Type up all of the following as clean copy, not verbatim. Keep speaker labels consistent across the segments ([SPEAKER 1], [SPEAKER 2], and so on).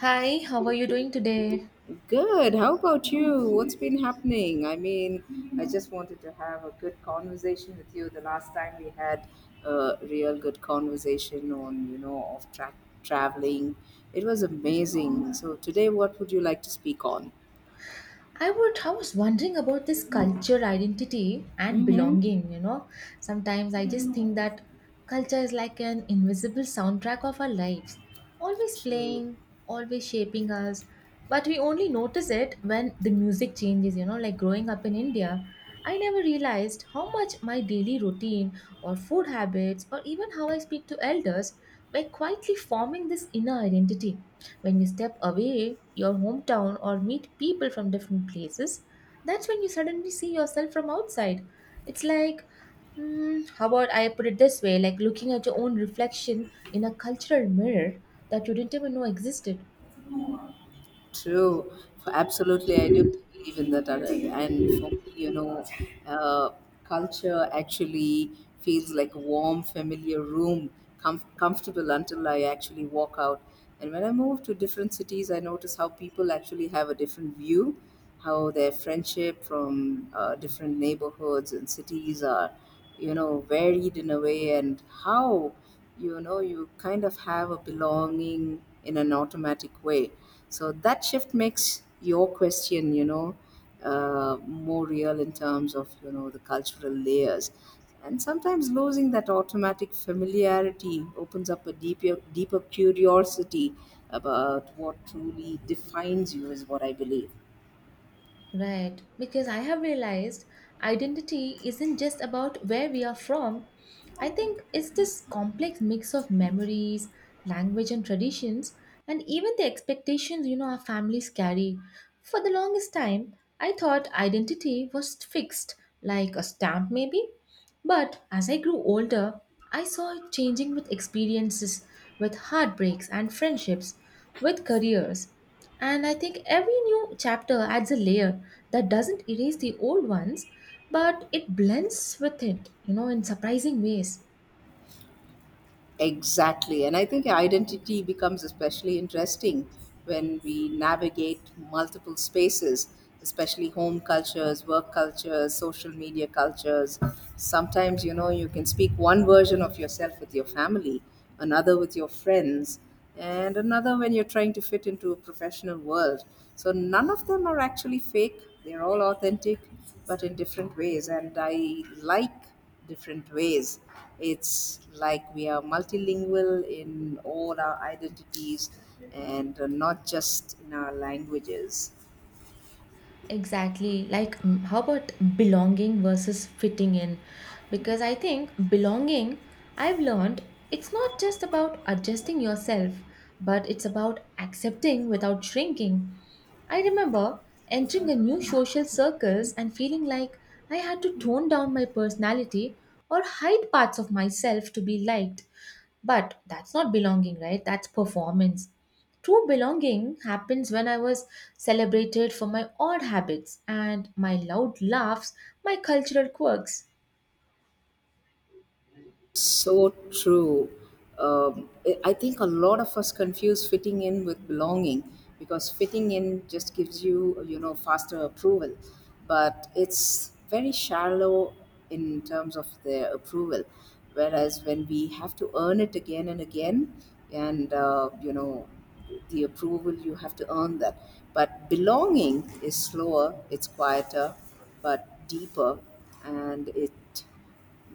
[SPEAKER 1] Hi, how are you doing today?
[SPEAKER 2] Good. How about you? What's been happening? I just wanted to have a good conversation with you. The last time we had a real good conversation on, you know, off track traveling, it was amazing. So today, what would you like to speak on?
[SPEAKER 1] I was wondering about this culture identity and
[SPEAKER 2] Mm-hmm.
[SPEAKER 1] belonging, you know. Sometimes I just think that culture is like an invisible soundtrack of our lives, always
[SPEAKER 2] True.
[SPEAKER 1] playing, always shaping us, but we only notice it when the music changes, you know, like growing up in India, I never realized how much my daily routine or food habits or even how I speak to elders were quietly forming this inner identity. When you step away your hometown or meet people from different places, that's when you suddenly see yourself from outside. It's like, how about I put it this way like looking at your own reflection in a cultural mirror that you didn't even know existed.
[SPEAKER 2] True. F- Absolutely, I do believe in that, Arun. And for me, you know, uh, culture actually feels like a warm, familiar room, comfortable until I actually walk out. And when I move to different cities, I notice how people actually have a different view, how their friendship from different neighborhoods and cities are, you know, varied in a way, and how, you know, you kind of have a belonging in an automatic way. So that shift makes your question, you know, more real in terms of, you know, the cultural layers. And sometimes losing that automatic familiarity opens up a deeper, curiosity about what truly defines you, is what I believe.
[SPEAKER 1] Right, because I have realized identity isn't just about where we are from. I think it's this complex mix of memories, language, and traditions, and even the expectations, you know, our families carry. For the longest time, I thought identity was fixed, like a stamp maybe, but as I grew older, I saw it changing with experiences, with heartbreaks and friendships, with careers. And I think every new chapter adds a layer that doesn't erase the old ones, but it blends with it, you know, in surprising ways.
[SPEAKER 2] Exactly. And I think identity becomes especially interesting when we navigate multiple spaces, especially home cultures, work cultures, social media cultures. Sometimes, you know, you can speak one version of yourself with your family, another with your friends, and another when you're trying to fit into a professional world. So none of them are actually fake, they're all authentic, but in different ways. And I like different ways. It's like we are multilingual in all our identities and not just in our languages.
[SPEAKER 1] Exactly. Like, how about belonging versus fitting in? Because I think belonging, I've learned, it's not just about adjusting yourself, but it's about accepting without shrinking. I remember entering a new social circles and feeling like I had to tone down my personality or hide parts of myself to be liked. But that's not belonging, right? That's performance. True belonging happens when I was celebrated for my odd habits and my loud laughs, my cultural quirks.
[SPEAKER 2] So true. Um, I think a lot of us confuse fitting in with belonging because fitting in just gives you, you know, faster approval, but it's very shallow in terms of their approval. Whereas when we have to earn it again and again, and you know, the approval you have to earn that. But belonging is slower, it's quieter, but deeper, and it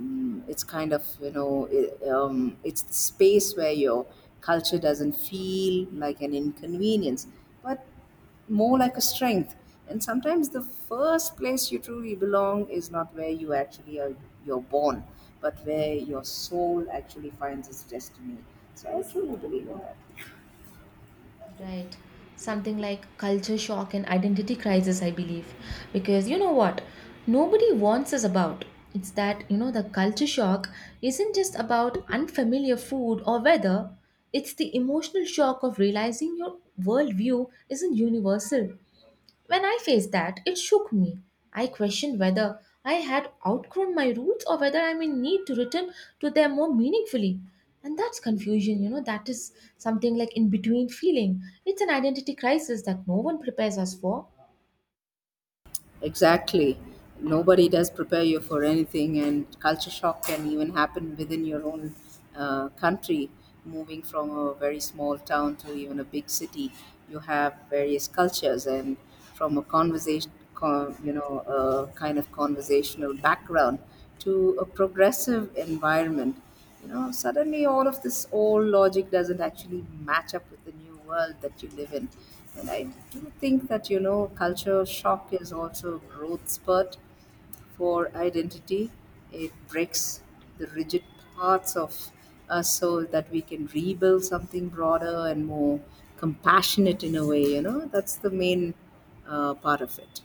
[SPEAKER 2] It's kind of, you know it, it's the space where your culture doesn't feel like an inconvenience but more like a strength. And sometimes the first place you truly belong is not where you actually are, you're born, but where your soul actually finds its destiny. So I truly believe in that.
[SPEAKER 1] Right. Something like culture shock and identity crisis, I believe. Because you know what? Nobody wants us about. It's that, you know, the culture shock isn't just about unfamiliar food or weather, it's the emotional shock of realizing your worldview isn't universal. When I faced that, it shook me. I questioned whether I had outgrown my roots or whether I'm in need to return to them more meaningfully. And that's confusion, you know, that is something like in between feeling. It's an identity crisis that no one prepares us for.
[SPEAKER 2] Exactly. Nobody does prepare you for anything, and culture shock can even happen within your own country. Moving from a very small town to even a big city, you have various cultures, and from a conversation, you know, a kind of conversational background to a progressive environment, you know, suddenly all of this old logic doesn't actually match up with the new world that you live in. And I do think that, you know, culture shock is also a growth spurt for identity. It breaks the rigid parts of us so that we can rebuild something broader and more compassionate in a way, you know. That's the main part of it.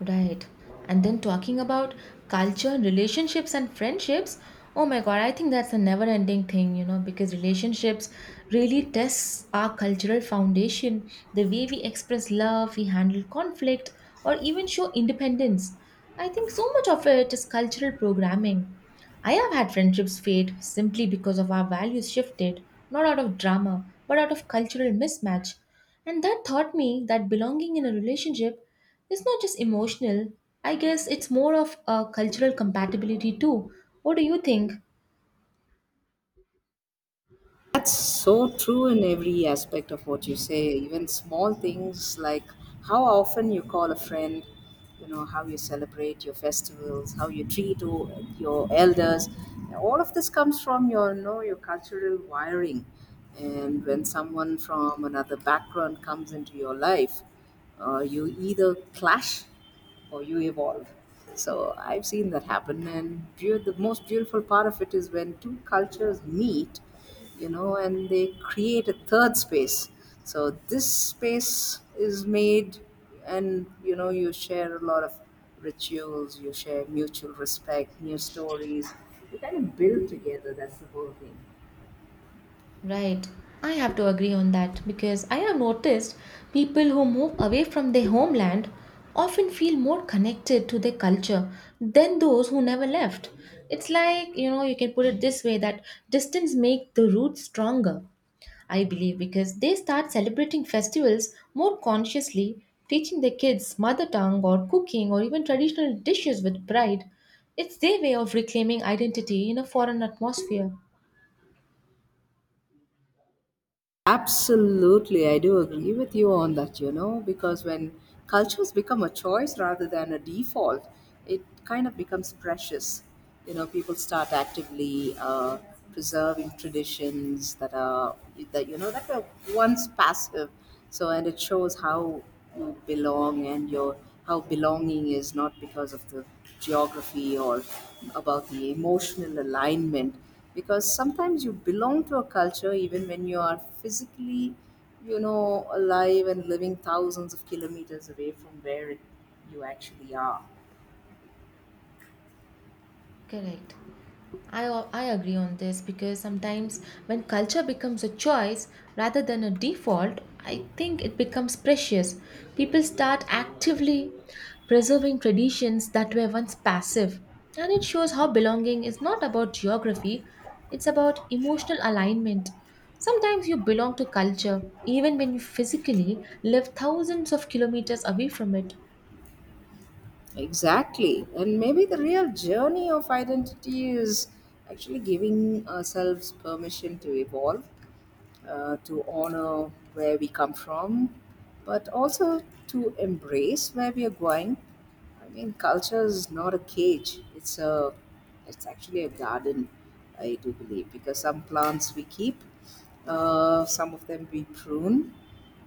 [SPEAKER 1] Right. And then talking about culture, relationships, and friendships. Oh my God, I think that's a never ending thing, you know, because relationships really tests our cultural foundation, the way we express love, we handle conflict, or even show independence. I think so much of it is cultural programming. I have had friendships fade simply because of our values shifted, not out of drama, but out of cultural mismatch. And that taught me that belonging in a relationship it's not just emotional. I guess it's more of a cultural compatibility too. What do you think?
[SPEAKER 2] That's so true in every aspect of what you say, even small things like how often you call a friend, you know, how you celebrate your festivals, how you treat your elders. All of this comes from your, you know, your cultural wiring. And when someone from another background comes into your life, you either clash or you evolve. So I've seen that happen, and the most beautiful part of it is when two cultures meet, you know, and they create a third space. So this space is made, and you know, you share a lot of rituals, you share mutual respect, new stories. You kind of build together. That's the whole thing.
[SPEAKER 1] Right. I have to agree on that because I have noticed people who move away from their homeland often feel more connected to their culture than those who never left. It's like, you know, you can put it this way that distance make the roots stronger. I believe because they start celebrating festivals more consciously, teaching their kids mother tongue or cooking or even traditional dishes with pride. It's their way of reclaiming identity in a foreign atmosphere.
[SPEAKER 2] Absolutely, I do agree with you on that, you know, because when cultures become a choice rather than a default, it kind of becomes precious. You know, people start actively preserving traditions that are, that you know that were once passive. So, and it shows how you belong and your, how belonging is not because of the geography or about the emotional alignment, because sometimes you belong to a culture even when you are physically, you know, alive and living thousands of kilometers away from where it, you actually are.
[SPEAKER 1] Correct. I, I agree on this because sometimes when culture becomes a choice rather than a default, I think it becomes precious. People start actively preserving traditions that were once passive. And it shows how belonging is not about geography, it's about emotional alignment. Sometimes you belong to culture even when you physically live thousands of kilometers away from it.
[SPEAKER 2] Exactly. And maybe the real journey of identity is actually giving ourselves permission to evolve, to honor where we come from, but also to embrace where we are going. I mean, culture is not a cage. It's a, it's actually a garden, I do believe, because some plants we keep, some of them we prune,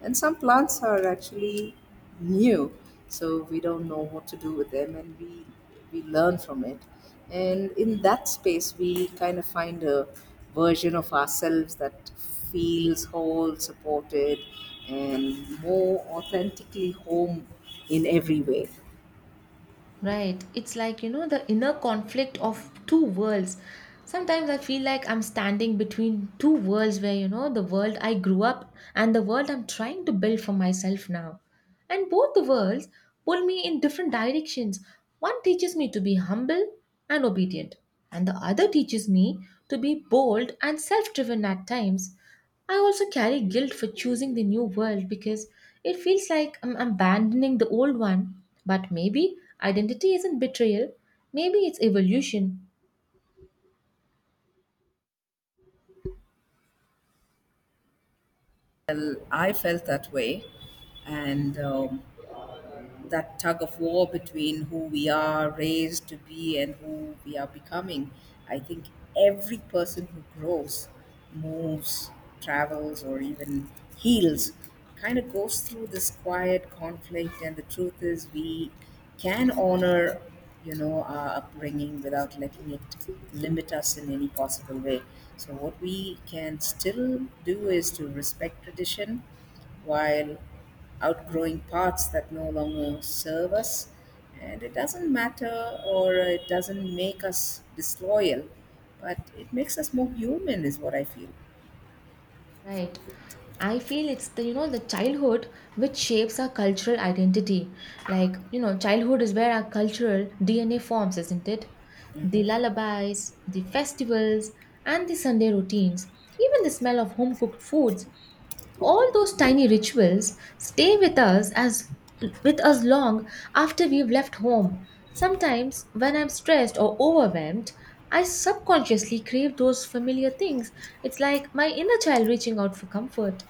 [SPEAKER 2] and some plants are actually new, so we don't know what to do with them, and we learn from it. And in that space, we kind of find a version of ourselves that feels whole, supported, and more authentically home in every way.
[SPEAKER 1] Right. It's like, you know, the inner conflict of two worlds. Sometimes I feel like I'm standing between two worlds where, you know, the world I grew up and the world I'm trying to build for myself now. And both the worlds pull me in different directions. One teaches me to be humble and obedient, and the other teaches me to be bold and self driven at times. I also carry guilt for choosing the new world because it feels like I'm abandoning the old one. But maybe identity isn't betrayal, maybe it's evolution.
[SPEAKER 2] Well, I felt that way, and. That tug of war between who we are raised to be and who we are becoming. I think every person who grows, moves, travels, or even heals kind of goes through this quiet conflict. And the truth is, we can honor, you know, our upbringing without letting it limit us in any possible way. So, what we can still do is to respect tradition while outgrowing parts that no longer serve us. And it doesn't matter, or it doesn't make us disloyal, but it makes us more human, is what I feel.
[SPEAKER 1] Right. I feel it's the you know the childhood which shapes our cultural identity. Like, you know, childhood is where our cultural DNA forms, isn't it? The lullabies, the festivals, and the Sunday routines, even the smell of home cooked foods all those tiny rituals stay with us as with us long after we've left home. Sometimes when I'm stressed or overwhelmed I subconsciously crave those familiar things. It's like my inner child reaching out for comfort.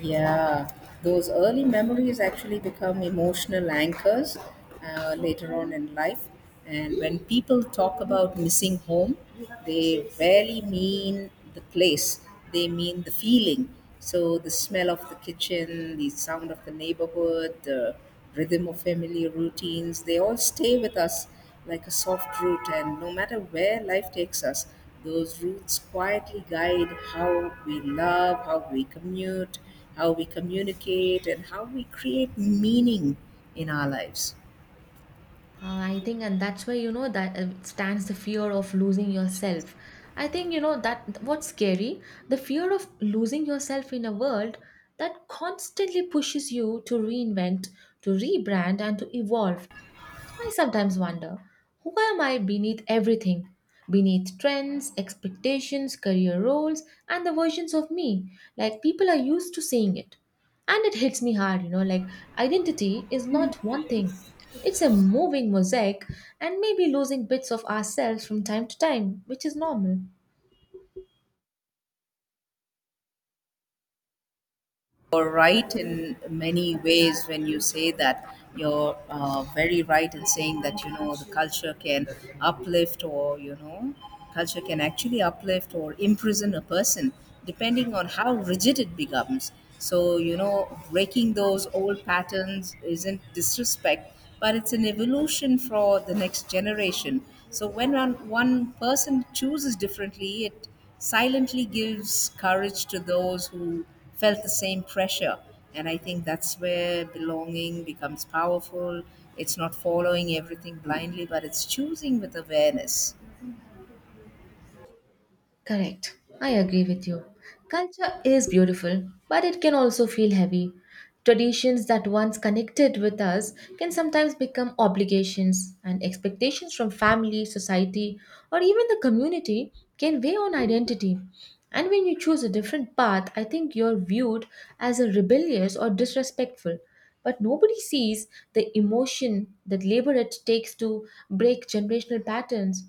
[SPEAKER 2] Yeah, those early memories actually become emotional anchors, later on in life. And when people talk about missing home, they rarely mean the place, they mean the feeling. So, the smell of the kitchen, the sound of the neighborhood, the rhythm of family routines, they all stay with us like a soft root, and no matter where life takes us, those roots quietly guide how we love, how we commute, how we communicate, and how we create meaning in our lives.
[SPEAKER 1] I think, and that's where you know that stands the fear of losing yourself. I think you know that what's scary, the fear of losing yourself in a world that constantly pushes you to reinvent, to rebrand, and to evolve. I sometimes wonder who am I beneath everything? Beneath trends, expectations, career roles, and the versions of me. Like people are used to seeing it. And it hits me hard, you know, like identity is not one thing. It's a moving mosaic and maybe losing bits of ourselves from time to time, which is normal.
[SPEAKER 2] You're right in many ways when you say that. You're very right in saying that, you know, the culture can uplift or, you know, culture can actually uplift or imprison a person depending on how rigid it becomes. So, you know, breaking those old patterns isn't disrespect, but it's an evolution for the next generation. So, when one person chooses differently, it silently gives courage to those who felt the same pressure. And I think that's where belonging becomes powerful. It's not following everything blindly, but it's choosing with awareness.
[SPEAKER 1] Correct. I agree with you. Culture is beautiful, but it can also feel heavy. Traditions that once connected with us can sometimes become obligations, and expectations from family, society, or even the community can weigh on identity. And when you choose a different path, I think you're viewed as a rebellious or disrespectful. But nobody sees the emotion that labor it takes to break generational patterns.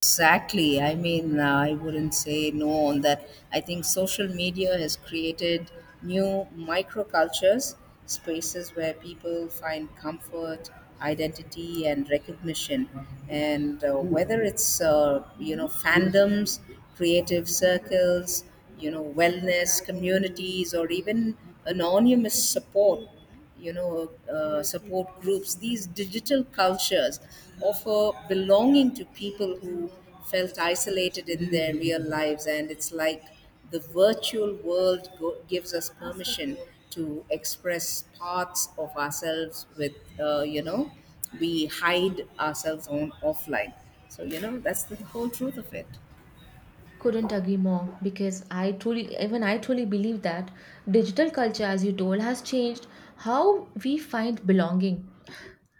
[SPEAKER 2] Exactly. I mean, I wouldn't say no on that. I think social media has created new microcultures, spaces where people find comfort, identity, and recognition. And whether it's you know, fandoms, creative circles, you know, wellness communities, or even anonymous support, you know, support groups, these digital cultures offer belonging to people who felt isolated in their real lives. And it's like the virtual world gives us permission to express parts of ourselves with, you know, we hide ourselves on offline. So you know, that's the whole truth of it.
[SPEAKER 1] Couldn't agree more because I truly, even I truly believe that digital culture, as you told, has changed how we find belonging.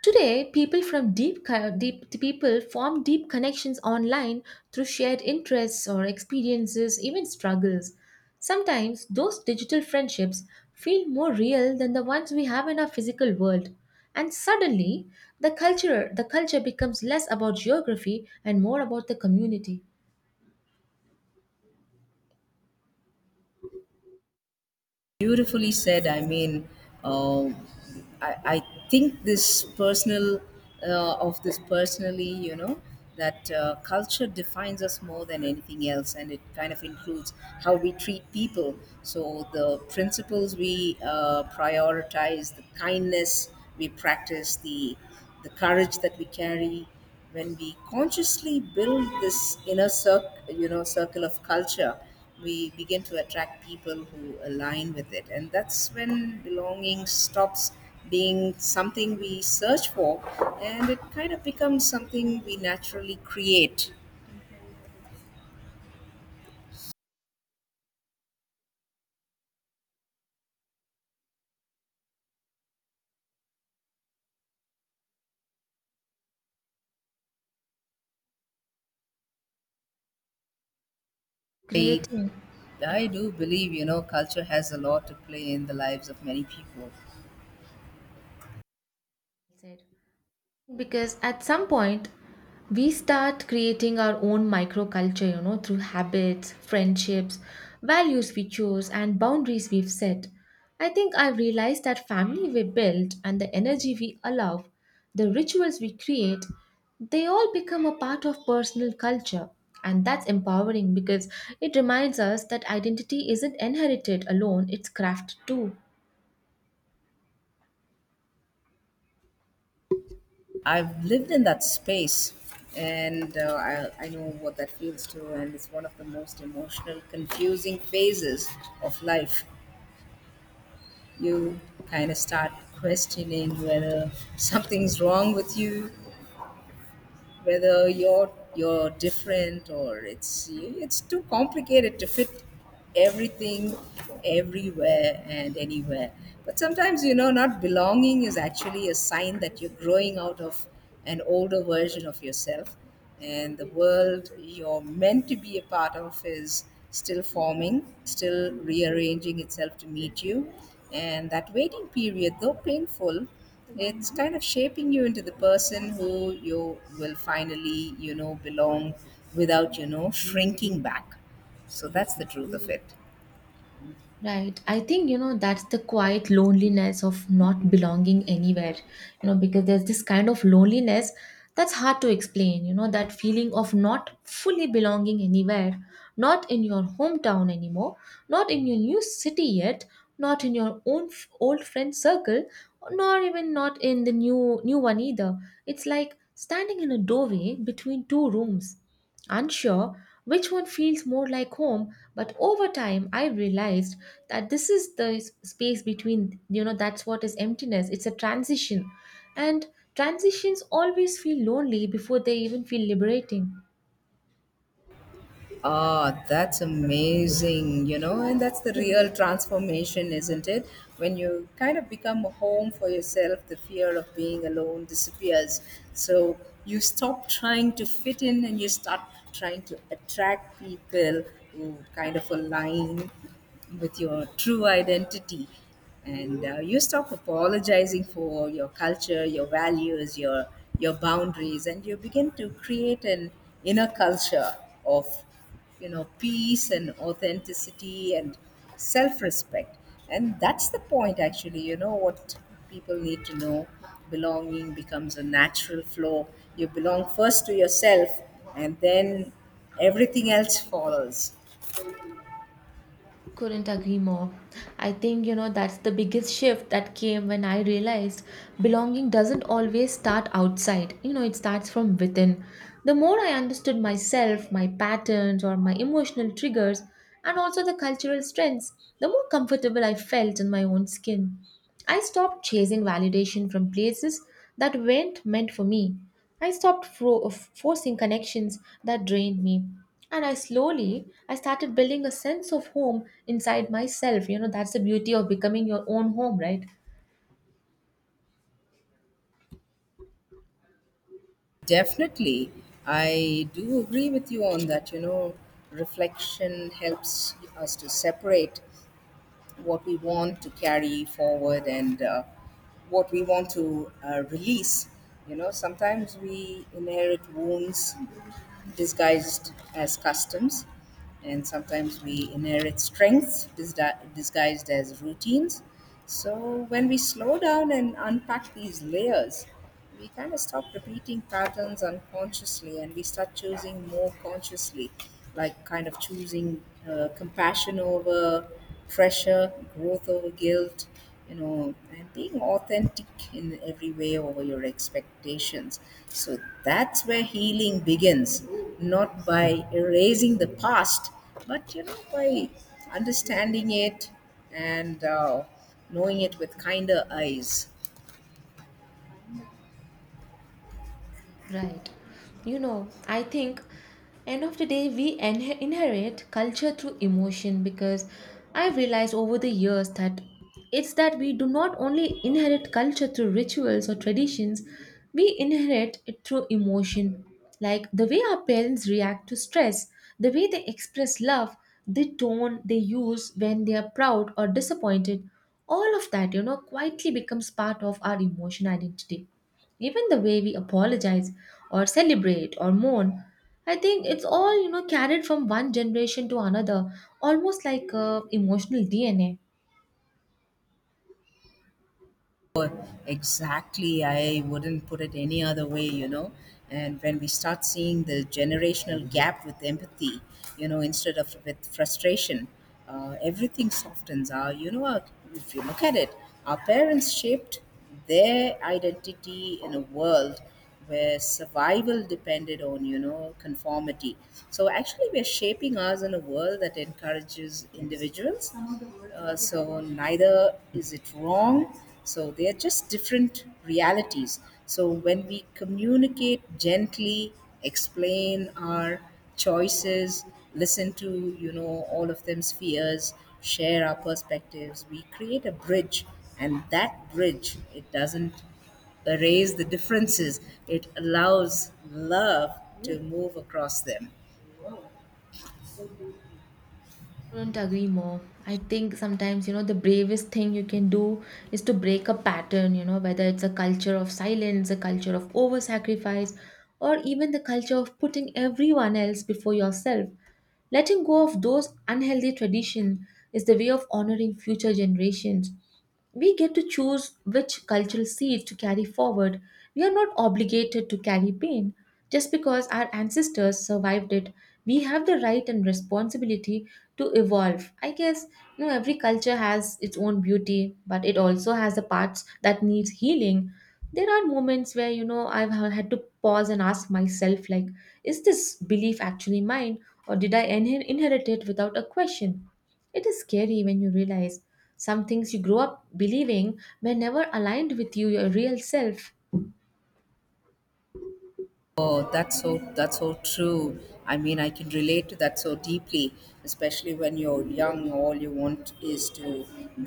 [SPEAKER 1] Today, people from deep, co- deep people form deep connections online through shared interests or experiences, even struggles. Sometimes those digital friendships feel more real than the ones we have in our physical world. And suddenly, the culture becomes less about geography and more about the community
[SPEAKER 2] Beautifully said. I mean, um, I, I think this personal, of this personally, you know, that culture defines us more than anything else, and it kind of includes how we treat people. So the principles we prioritize, the kindness we practice, the courage that we carry. When we consciously build this inner circle, you know, circle of culture, we begin to attract people who align with it. And that's when belonging stops being something we search for, and it kind of becomes something we naturally create. I,
[SPEAKER 1] creating
[SPEAKER 2] I do believe, you know, culture has a lot to play in the lives of many people.
[SPEAKER 1] said. Because at some point, we start creating our own microculture, you know, through habits, friendships, values we choose, and boundaries we've set. I think I've realized that family we build and the energy we allow, the rituals we create, they all become a part of personal culture. And that's empowering because it reminds us that identity isn't inherited alone, it's crafted too.
[SPEAKER 2] I've lived in that space, and I know what that feels too, and it's one of the most emotional, confusing phases of life. You kind of start questioning whether something's wrong with you, whether you're different, or it's too complicated to fit everything everywhere and anywhere. But sometimes, you know, not belonging is actually a sign that you're growing out of an older version of yourself, and the world you're meant to be a part of is still forming, still rearranging itself to meet you. And that waiting period, though painful, it's kind of shaping you into the person who you will finally, you know, belong without, you know, shrinking back. So that's the truth of it.
[SPEAKER 1] Right. I think, you know, that's the quiet loneliness of not belonging anywhere, you know, because there's this kind of loneliness that's hard to explain, you know, that feeling of not fully belonging anywhere, not in your hometown anymore, not in your new city yet, not in your own old friend circle, nor even not in the new one either. It's like standing in a doorway between two rooms unsure which one feels more like home. But over time I realized that this is the space between, you know, that's what is emptiness, it's a transition. And transitions always feel lonely before they even feel liberating.
[SPEAKER 2] Ah, that's amazing, you know, and that's the real transformation, isn't it? When you kind of become a home for yourself, the fear of being alone disappears. So you stop trying to fit in and you start trying to attract people who kind of align with your true identity. And you stop apologizing for your culture, your values, your boundaries, and you begin to create an inner culture of, you know, peace and authenticity and self-respect. And that's the point, actually, you know what, people need to know belonging becomes a natural flow. You belong first to yourself, and then everything else follows.
[SPEAKER 1] Couldn't agree more. I think, you know, that's the biggest shift that came when I realized belonging doesn't always start outside. You know, it starts from within. The more I understood myself, my patterns, or my emotional triggers, and also the cultural strengths, the more comfortable I felt in my own skin. I stopped chasing validation from places that weren't meant for me. I stopped fro- of forcing connections that drained me. And I slowly I started building a sense of home inside myself. You know, that's the beauty of becoming your own home, right?
[SPEAKER 2] Definitely. I do agree with you on that. You know, reflection helps us to separate what we want to carry forward and what we want to release. You know, sometimes we inherit wounds disguised as customs, and sometimes we inherit strengths disguised as routines. So, when we slow down and unpack these layers, we kind of stop repeating patterns unconsciously and we start choosing more consciously, like kind of choosing compassion over pressure, growth over guilt, you know, and being authentic in every way over your expectations. So that's where healing begins, not by erasing the past, but you know, by understanding it and knowing it with kinder eyes.
[SPEAKER 1] Right. You know, I think end of the day we inherit culture through emotion because I've realized over the years that it's that we do not only inherit culture through rituals or traditions, we inherit it through emotion. Like the way our parents react to stress, the way they express love, the tone they use when they are proud or disappointed, all of that, you know, quietly becomes part of our emotion identity even the way we apologize or celebrate or mourn. I think it's all, you know, carried from one generation to another, almost like emotional dna.
[SPEAKER 2] Exactly. I wouldn't put it any other way, you know. And when we start seeing the generational gap with empathy, you know, instead of with frustration, everything softens. Our, if you look at it, our parents shaped their identity in a world where survival depended on you know conformity, so actually we're shaping us in a world that encourages individuals, so neither is it wrong, so they are just different realities. So when we communicate gently, explain our choices, listen to, you know, all of them's fears, share our perspectives, we create a bridge, and that bridge, it doesn't erase the differences. It allows love to move across them.
[SPEAKER 1] Couldn't agree more. I think sometimes, you know, the bravest thing you can do is to break a pattern, you know, whether it's a culture of silence, a culture of over sacrifice, or even the culture of putting everyone else before yourself. Letting go of those unhealthy traditions is the way of honoring future generations. We get to choose which cultural seeds to carry forward. We are not obligated to carry pain. Just because our ancestors survived it, we have the right and responsibility to evolve. I guess you know every culture has its own beauty, but it also has the parts that needs healing. There are moments where you know had to pause and ask myself, like, is this belief actually mine, or did I inherit it without a question? It is scary when you realize some things you grow up believing were never aligned with you, your real self.
[SPEAKER 2] That's so true. I mean, I can relate to that so deeply, especially when you're young. All you want is to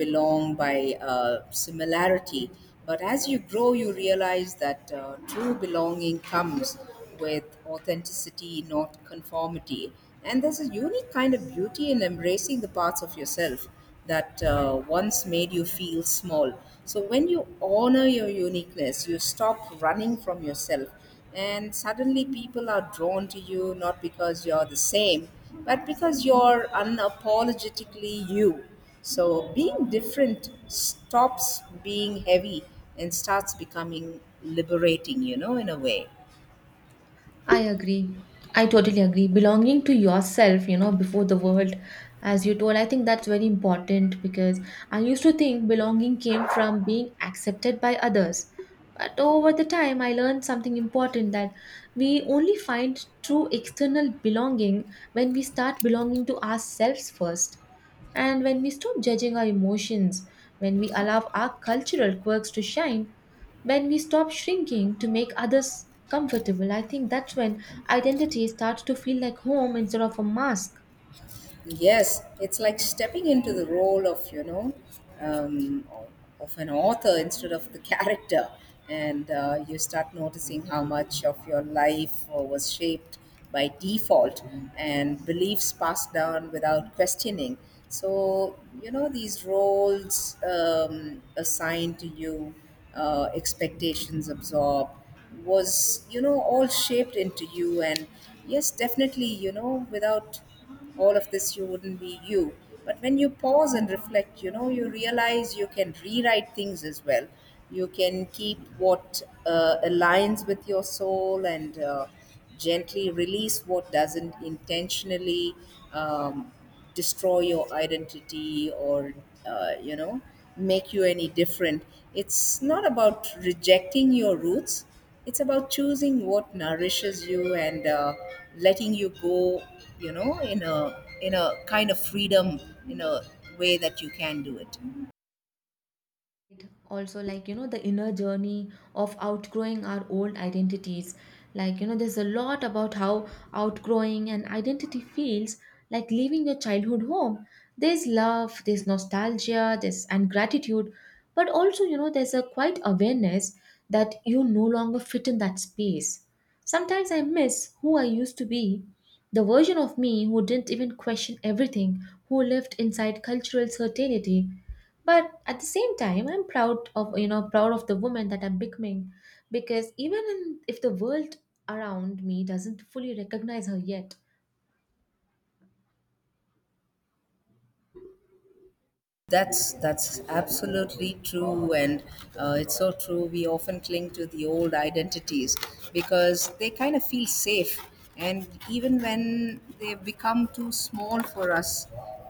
[SPEAKER 2] belong by similarity. But as you grow, you realize that true belonging comes with authenticity, not conformity. And there's a unique kind of beauty in embracing the parts of yourself that once made you feel small. So when you honor your uniqueness, you stop running from yourself. And suddenly people are drawn to you not because you're the same, but because you're unapologetically you. So being different stops being heavy and starts becoming liberating, you know, in a way.
[SPEAKER 1] I agree. I totally agree. Belonging to yourself, you know, before the world, as you told, I think that's very important because I used to think belonging came from being accepted by others. But over the time, I learned something important, that we only find true external belonging when we start belonging to ourselves first. And when we stop judging our emotions, when we allow our cultural quirks to shine, when we stop shrinking to make others comfortable, I think that's when identity starts to feel like home instead of a mask.
[SPEAKER 2] Yes, it's like stepping into the role of, you know, um, of an author instead of the character. And you start noticing how much of your life was shaped by default and beliefs passed down without questioning. So, you know, these roles assigned to you, expectations absorbed, was, you know, all shaped into you. And yes, definitely, you know, without all of this you wouldn't be you, but when you pause and reflect, you know, you realize you can rewrite things as well. You can keep what aligns with your soul, and gently release what doesn't intentionally um, destroy your identity or you know make you any different. It's not about rejecting your roots, it's about choosing what nourishes you and letting you go, you know, in a kind of freedom, in a way that you can do it.
[SPEAKER 1] Also, like, you know, the inner journey of outgrowing our old identities, like, you know, there's a lot about how outgrowing an identity feels like leaving your childhood home. There's love, there's nostalgia, there's and gratitude, but also, you know, there's a quiet awareness that you no longer fit in that space. Sometimes I miss who I used to be, the version of me who didn't even question everything, who lived inside cultural certainty. But at the same time, I'm proud of, you know, proud of the woman that I'm becoming, because even in, if the world around me doesn't fully recognize her yet.
[SPEAKER 2] That's absolutely true, and it's so true. We often cling to the old identities because they kind of feel safe, and even when they become too small for us,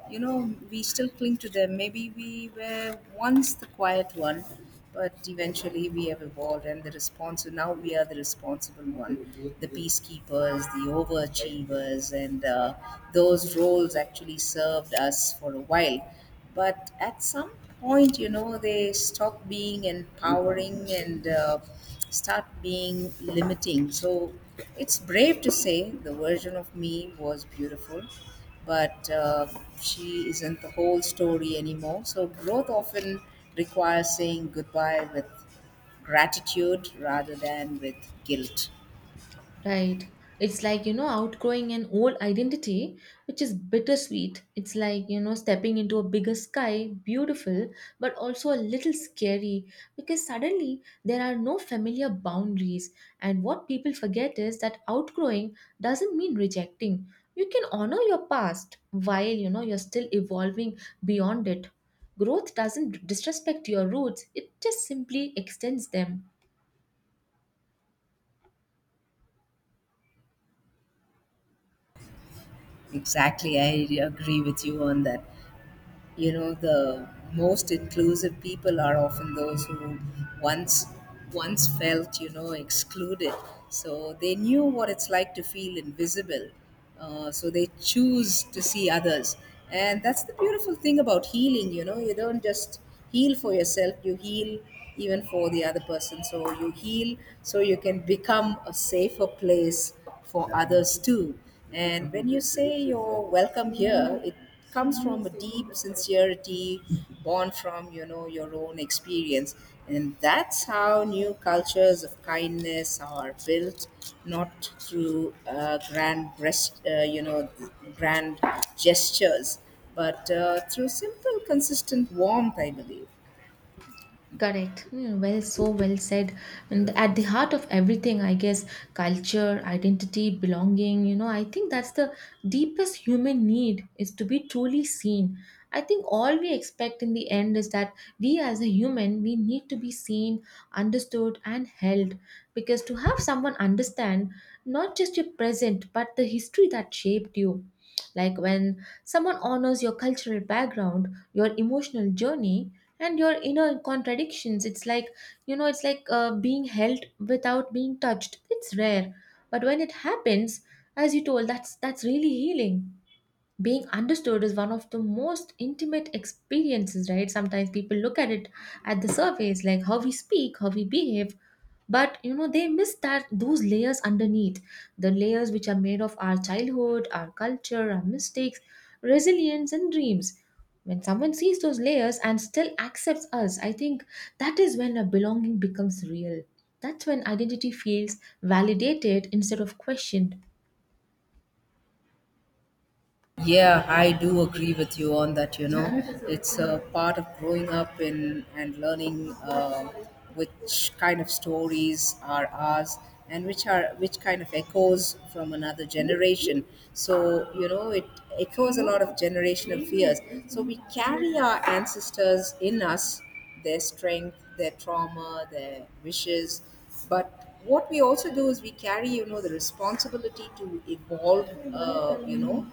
[SPEAKER 2] you know, we still cling to them. Maybe we were once the quiet one, but eventually we have evolved, and the responsible, now we are the responsible one, the peacekeepers, the overachievers, and those roles actually served us for a while, but at some point, you know, they stop being empowering and start being limiting. So it's brave to say the version of me was beautiful, but she isn't the whole story anymore. So growth often requires saying goodbye with gratitude rather than with guilt.
[SPEAKER 1] Right. It's like, you know, outgrowing an old identity, which is bittersweet. It's like, you know, stepping into a bigger sky, beautiful, but also a little scary because suddenly there are no familiar boundaries. And what people forget is that outgrowing doesn't mean rejecting. You can honor your past while, you know, you're still evolving beyond it. Growth doesn't disrespect your roots, it just simply extends them.
[SPEAKER 2] Exactly, I agree with you on that. You know, the most inclusive people are often those who once once felt, you know, excluded. So they knew what it's like to feel invisible, so they choose to see others. And that's the beautiful thing about healing, you know, you don't just heal for yourself, you heal even for the other person. So you heal so you can become a safer place for others too. And when you say you're welcome here, it comes from a deep sincerity, born from, you know, your own experience. And that's how new cultures of kindness are built, not through grand breast you know grand gestures, but through simple consistent warmth, I believe.
[SPEAKER 1] Correct. Mm, well, so well said. And at the heart of everything, I guess, culture, identity, belonging, you know, I think that's the deepest human need, is to be truly seen. I think all we expect in the end is that we, as a human, we need to be seen, understood, and held. Because to have someone understand not just your present, but the history that shaped you. Like when someone honors your cultural background, your emotional journey, and your inner contradictions, it's like, you know, it's like being held without being touched. It's rare, but when it happens, as you told, that's really healing. Being understood is one of the most intimate experiences, right? Sometimes people look at it at the surface, like how we speak, how we behave, but you know, they miss that those layers underneath, the layers which are made of our childhood, our culture, our mistakes, resilience, and dreams. When someone sees those layers and still accepts us, I think that is when a belonging becomes real. That's when identity feels validated instead of questioned.
[SPEAKER 2] Yeah, I do agree with you on that. You know, it's a part of growing up in and learning which kind of stories are ours and which kind of echoes from another generation. So you know, it echoes a lot of generational fears. So we carry our ancestors in us, their strength, their trauma, their wishes. But what we also do is we carry, you know, the responsibility to evolve, you know,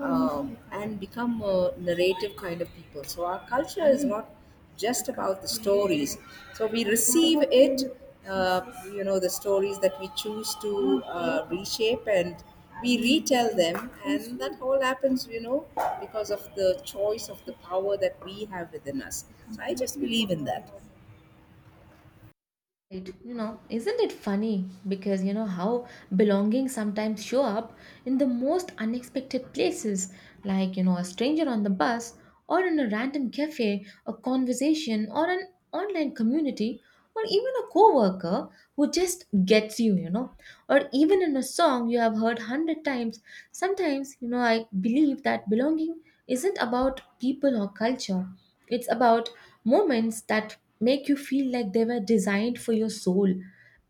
[SPEAKER 2] and become a narrative kind of people. So our culture is not just about the stories. So we receive it, uh, you know, the stories that we choose to reshape, and we retell them, and that all happens, you know, because of the choice of the power that we have within us. So I just believe in that.
[SPEAKER 1] Right. You know, isn't it funny? Because you know how belonging sometimes show up in the most unexpected places, like, you know, a stranger on the bus, or in a random cafe, a conversation, or an online community, or even a coworker who just gets you, you know, or even in a song you have heard hundred times. Sometimes, you know, I believe that belonging isn't about people or culture. It's about moments that make you feel like they were designed for your soul.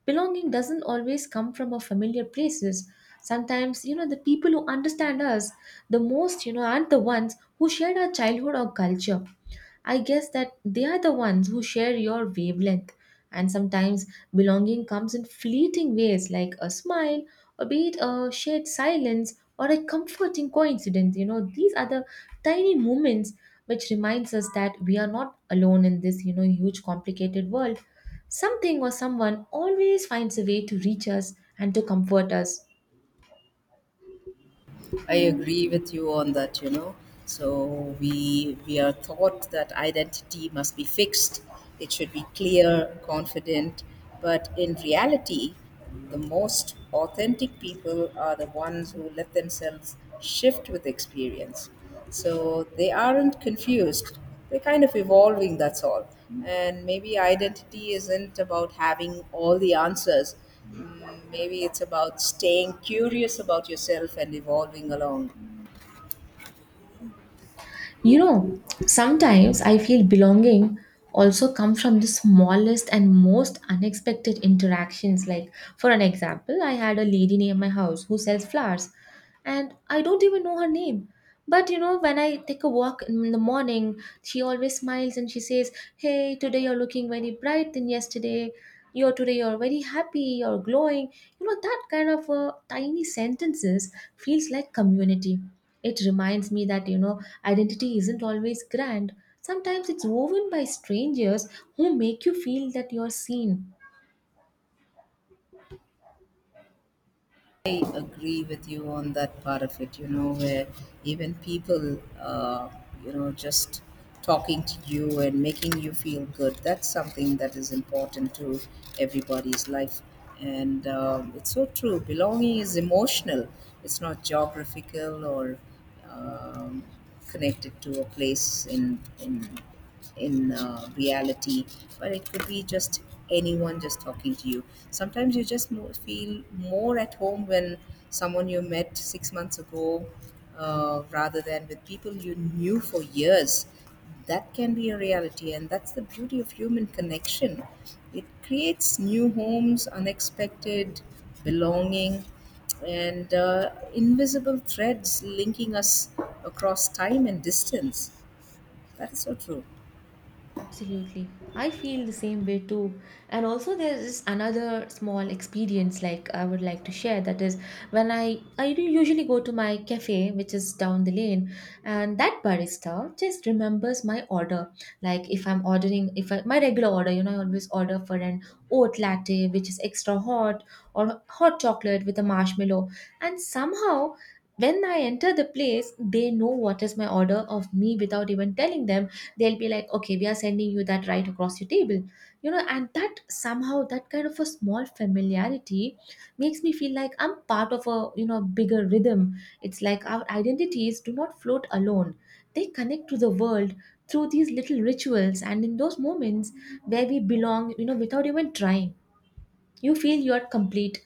[SPEAKER 1] Belonging doesn't always come from our familiar places. Sometimes, you know, the people who understand us the most, you know, aren't the ones who shared our childhood or culture. I guess that they are the ones who share your wavelength. And sometimes belonging comes in fleeting ways, like a smile, or be it a shared silence, or a comforting coincidence. You know, these are the tiny moments which reminds us that we are not alone in this, you know, huge complicated world. Something or someone always finds a way to reach us and to comfort us.
[SPEAKER 2] I agree with you on that, you know. So we are taught that identity must be fixed. It should be clear, confident, but in reality, the most authentic people are the ones who let themselves shift with experience. So they aren't confused. They're kind of evolving, that's all. And maybe identity isn't about having all the answers. Mm, maybe it's about staying curious about yourself and evolving along.
[SPEAKER 1] You know, sometimes I feel belonging also come from the smallest and most unexpected interactions. Like, for an example, I had a lady near my house who sells flowers, and I don't even know her name. But you know, when I take a walk in the morning, she always smiles and she says, "Hey, today you're looking very bright than yesterday. You're today you're very happy. You're glowing." You know, that kind of tiny sentences feels like community. It reminds me that, you know, identity isn't always grand. Sometimes it's woven by strangers who make you feel that you're seen.
[SPEAKER 2] I agree with you on that part of it, you know, where even people, you know, just talking to you and making you feel good, that's something that is important to everybody's life. And it's so true. Belonging is emotional, it's not geographical or um, connected to a place in reality, but it could be just anyone just talking to you. Sometimes you just feel more at home when someone you met 6 months ago, rather than with people you knew for years. That can be a reality, and that's the beauty of human connection. It creates new homes, unexpected belonging, and invisible threads linking us across time and distance. That is so true.
[SPEAKER 1] Absolutely. I feel the same way too. And also there is another small experience like I would like to share, that is when I do usually go to my cafe which is down the lane, and that barista just remembers my order. Like if I'm ordering, if I, my regular order, you know, I always order for an oat latte which is extra hot, or hot chocolate with a marshmallow, and somehow when I enter the place, they know what is my order of me without even telling them. They'll be like, okay, we are sending you that right across your table. You know, and that somehow, that kind of a small familiarity makes me feel like I'm part of a, you know, bigger rhythm. It's like our identities do not float alone, they connect to the world through these little rituals, and in those moments where we belong, you know, without even trying, you feel you are complete.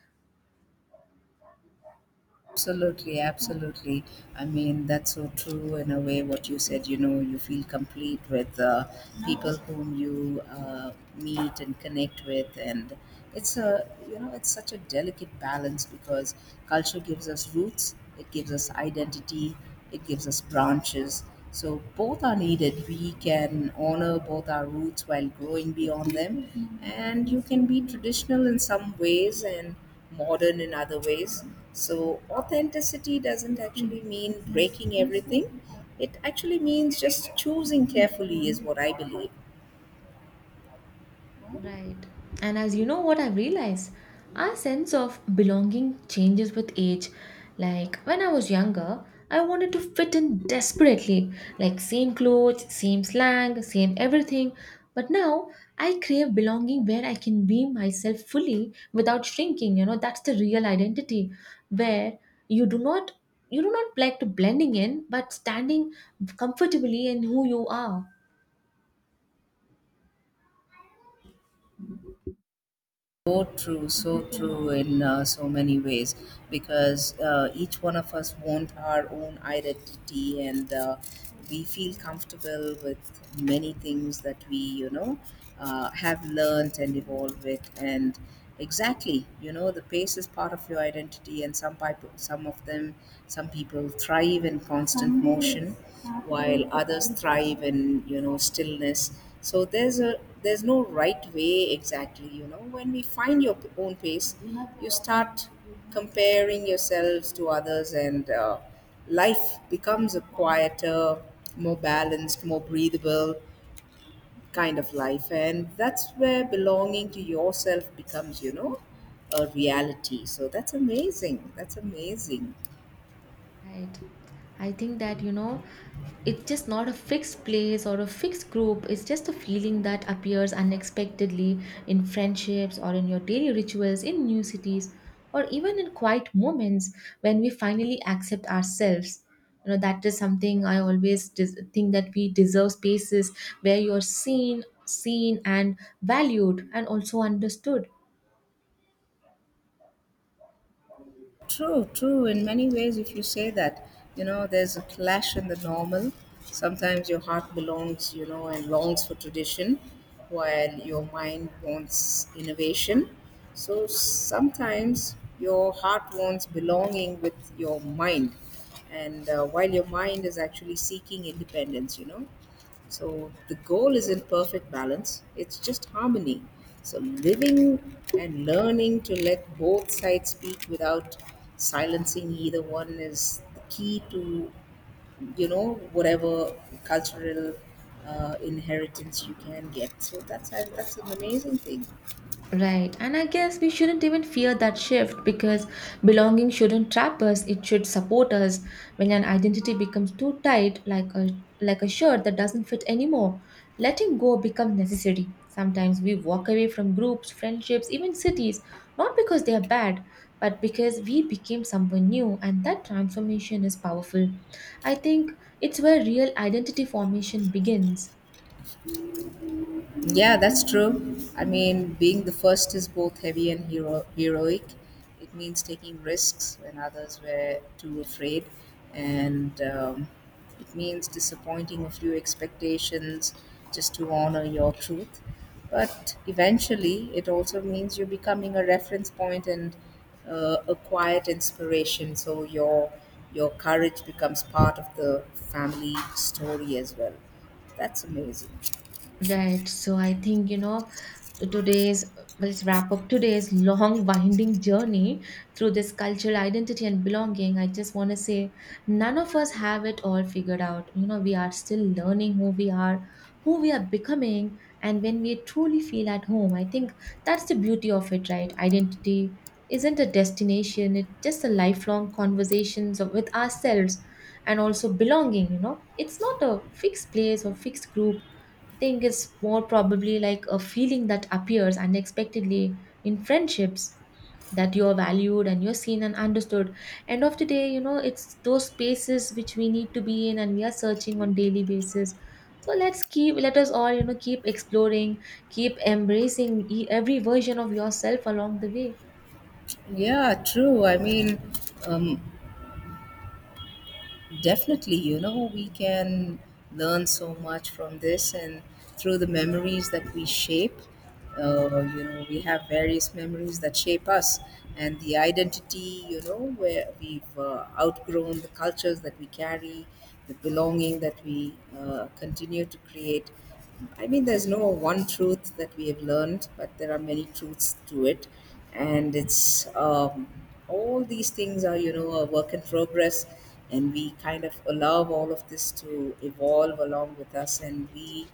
[SPEAKER 2] Absolutely, absolutely. I mean, that's so true in a way what you said. You know, you feel complete with people whom you meet and connect with, and it's a, you know, it's such a delicate balance because culture gives us roots, it gives us identity, it gives us branches. So both are needed. We can honor both our roots while growing beyond them. And you can be traditional in some ways and modern in other ways. So authenticity doesn't actually mean breaking everything. It actually means just choosing carefully, is what I believe.
[SPEAKER 1] Right. And as you know, what I've realized, our sense of belonging changes with age. Like when I was younger, I wanted to fit in desperately, like same clothes, same slang, same everything. But now I crave belonging where I can be myself fully without shrinking. You know, that's the real identity, where you do not, you do not like to blending in, but standing comfortably in who you are.
[SPEAKER 2] So true in so many ways, because each one of us want our own identity, and we feel comfortable with many things that we, you know, have learnt and evolved with. And exactly. You know, the pace is part of your identity, and some people, some of them, some people thrive in constant motion, while others thrive in, you know, stillness. So there's a, there's no right way exactly. You know, when we find your own pace, you start comparing yourselves to others, and life becomes a quieter, more balanced, more breathable kind of life, and that's where belonging to yourself becomes, you know, a reality. So that's amazing, that's amazing.
[SPEAKER 1] Right. I think that, you know, it's just not a fixed place or a fixed group. It's just a feeling that appears unexpectedly in friendships, or in your daily rituals, in new cities, or even in quiet moments when we finally accept ourselves. You know, that is something I always think, that we deserve spaces where you're seen, and valued, and also understood.
[SPEAKER 2] True, true in many ways, if you say that, you know, there's a clash in the normal. Sometimes your heart belongs, you know, and longs for tradition, while your mind wants innovation. So sometimes your heart wants belonging with your mind, and while your mind is actually seeking independence, you know. So the goal isn't perfect balance, it's just harmony. So living and learning to let both sides speak without silencing either one is the key to, you know, whatever cultural inheritance you can get. So that's an amazing thing.
[SPEAKER 1] Right, and I guess we shouldn't even fear that shift, because belonging shouldn't trap us, it should support us. When an identity becomes too tight, like a shirt that doesn't fit anymore, letting go becomes necessary. Sometimes we walk away from groups, friendships, even cities, not because they are bad, but because we became someone new, and that transformation is powerful. I think it's where real identity formation begins.
[SPEAKER 2] Yeah, that's true. I mean, being the first is both heavy and heroic. It means taking risks when others were too afraid, and it means disappointing a few expectations just to honor your truth. But eventually, it also means you're becoming a reference point and a quiet inspiration. So your courage becomes part of the family story as well. That's amazing.
[SPEAKER 1] Right. So I think, you know, to today's, well, let's wrap up today's long winding journey through this cultural identity and belonging. I just want to say none of us have it all figured out. You know, we are still learning who we are, who we are becoming, and when we truly feel at home. I think that's the beauty of it, right? Identity isn't a destination, it's just a lifelong conversations with ourselves. And also belonging, you know, it's not a fixed place or fixed group. Think it's more probably like a feeling that appears unexpectedly in friendships, that you're valued and you're seen and understood. End of the day, you know, it's those spaces which we need to be in, and we are searching on daily basis. So let's keep, let us all, you know, keep exploring, keep embracing every version of yourself along the way.
[SPEAKER 2] Yeah, true. I mean, um, definitely, you know, we can learn so much from this and through the memories that we shape. You know, we have various memories that shape us, and the identity, you know, where we've outgrown the cultures that we carry, the belonging that we continue to create. I mean, there's no one truth that we have learned, but there are many truths to it. And it's all these things are, you know, a work in progress. And we kind of allow all of this to evolve along with us. And we,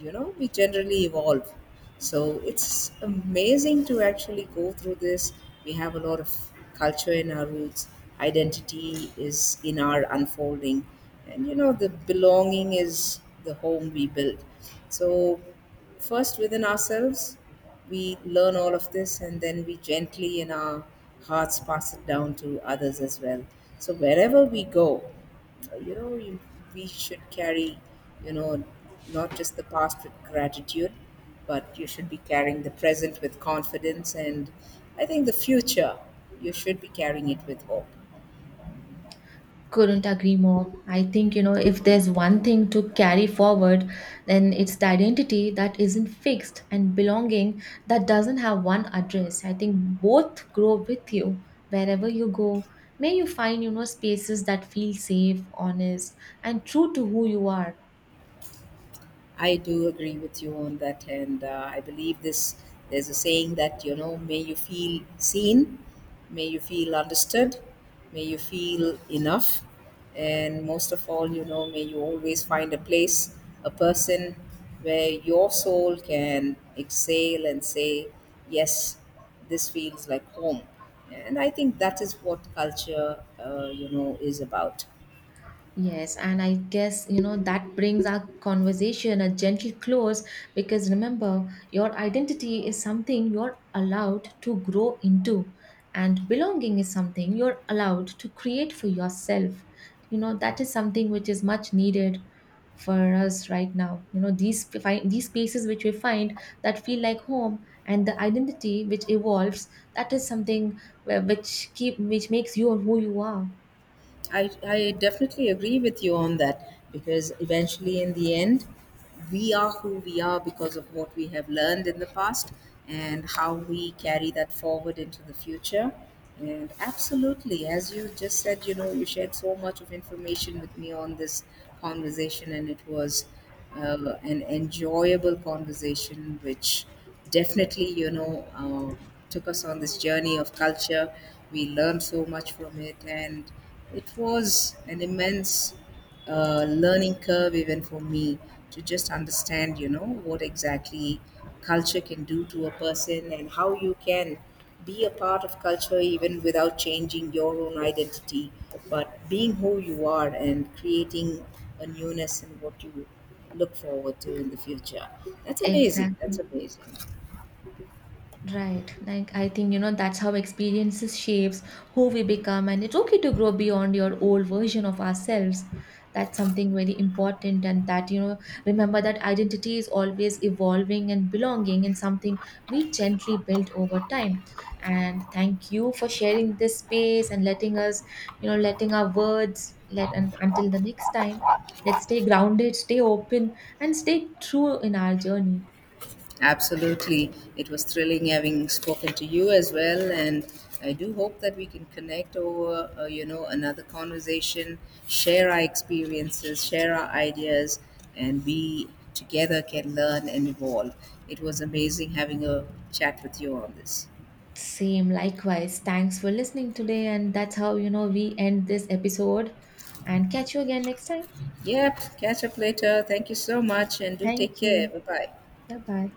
[SPEAKER 2] you know, we generally evolve. So it's amazing to actually go through this. We have a lot of culture in our roots, identity is in our unfolding, and you know, the belonging is the home we build. So first within ourselves we learn all of this, and then we gently in our hearts pass it down to others as well. So wherever we go, uh, you know you, we should carry, you know, not just the past with gratitude, but you should be carrying the present with confidence, and I think the future you should be carrying it with hope.
[SPEAKER 1] Couldn't agree more. I think, you know, if there's one thing to carry forward, then it's the identity that isn't fixed and belonging that doesn't have one address. I think both grow with you wherever you go. May you find, you know, spaces that feel safe, honest, and true to who you are.
[SPEAKER 2] I do agree with you on that, and I believe this. There's a saying that, you know, may you feel seen, may you feel understood, may you feel enough, and most of all, you know, may you always find a place, a person where your soul can exhale and say, yes, this feels like home. And I think that is what culture, you know, is about.
[SPEAKER 1] Yes, and I guess you know that brings our conversation a gentle close, because remember, your identity is something you're allowed to grow into, and belonging is something you're allowed to create for yourself. You know, that is something which is much needed for us right now. You know, these these spaces which we find that feel like home, and the identity which evolves, that is something which keep which makes you who you are.
[SPEAKER 2] I definitely agree with you on that because eventually, in the end, we are who we are because of what we have learned in the past and how we carry that forward into the future. And absolutely, as you just said, you know, you shared so much of information with me on this conversation, and it was an enjoyable conversation, which definitely, you know, took us on this journey of culture. We learned so much from it, and it was an immense learning curve, even for me, to just understand, you know, what exactly culture can do to a person and how you can be a part of culture even without changing your own identity, but being who you are and creating a newness in what you look forward to in the future. That's amazing. That's
[SPEAKER 1] Exactly.
[SPEAKER 2] amazing.
[SPEAKER 1] Right. Like, I think, you know, that's how experiences shapes who we become, and it's okay to grow beyond your old version of ourselves. That's something very important. And that, you know, remember that identity is always evolving, and belonging in something we gently build over time. And thank you for sharing this space, and letting us, you know, letting our words let, and until the next time, let's stay grounded, stay open, and stay true in our journey.
[SPEAKER 2] Absolutely. It was thrilling having spoken to you as well. And I do hope that we can connect over, you know, another conversation, share our experiences, share our ideas, and we together can learn and evolve. It was amazing having a chat with you on this.
[SPEAKER 1] Same, likewise. Thanks for listening today. And that's how, you know, we end this episode. And catch you again next time.
[SPEAKER 2] Yep. Catch up later. Thank you so much. And do take
[SPEAKER 1] Thank
[SPEAKER 2] care.
[SPEAKER 1] you.
[SPEAKER 2] Bye bye.
[SPEAKER 1] Bye bye.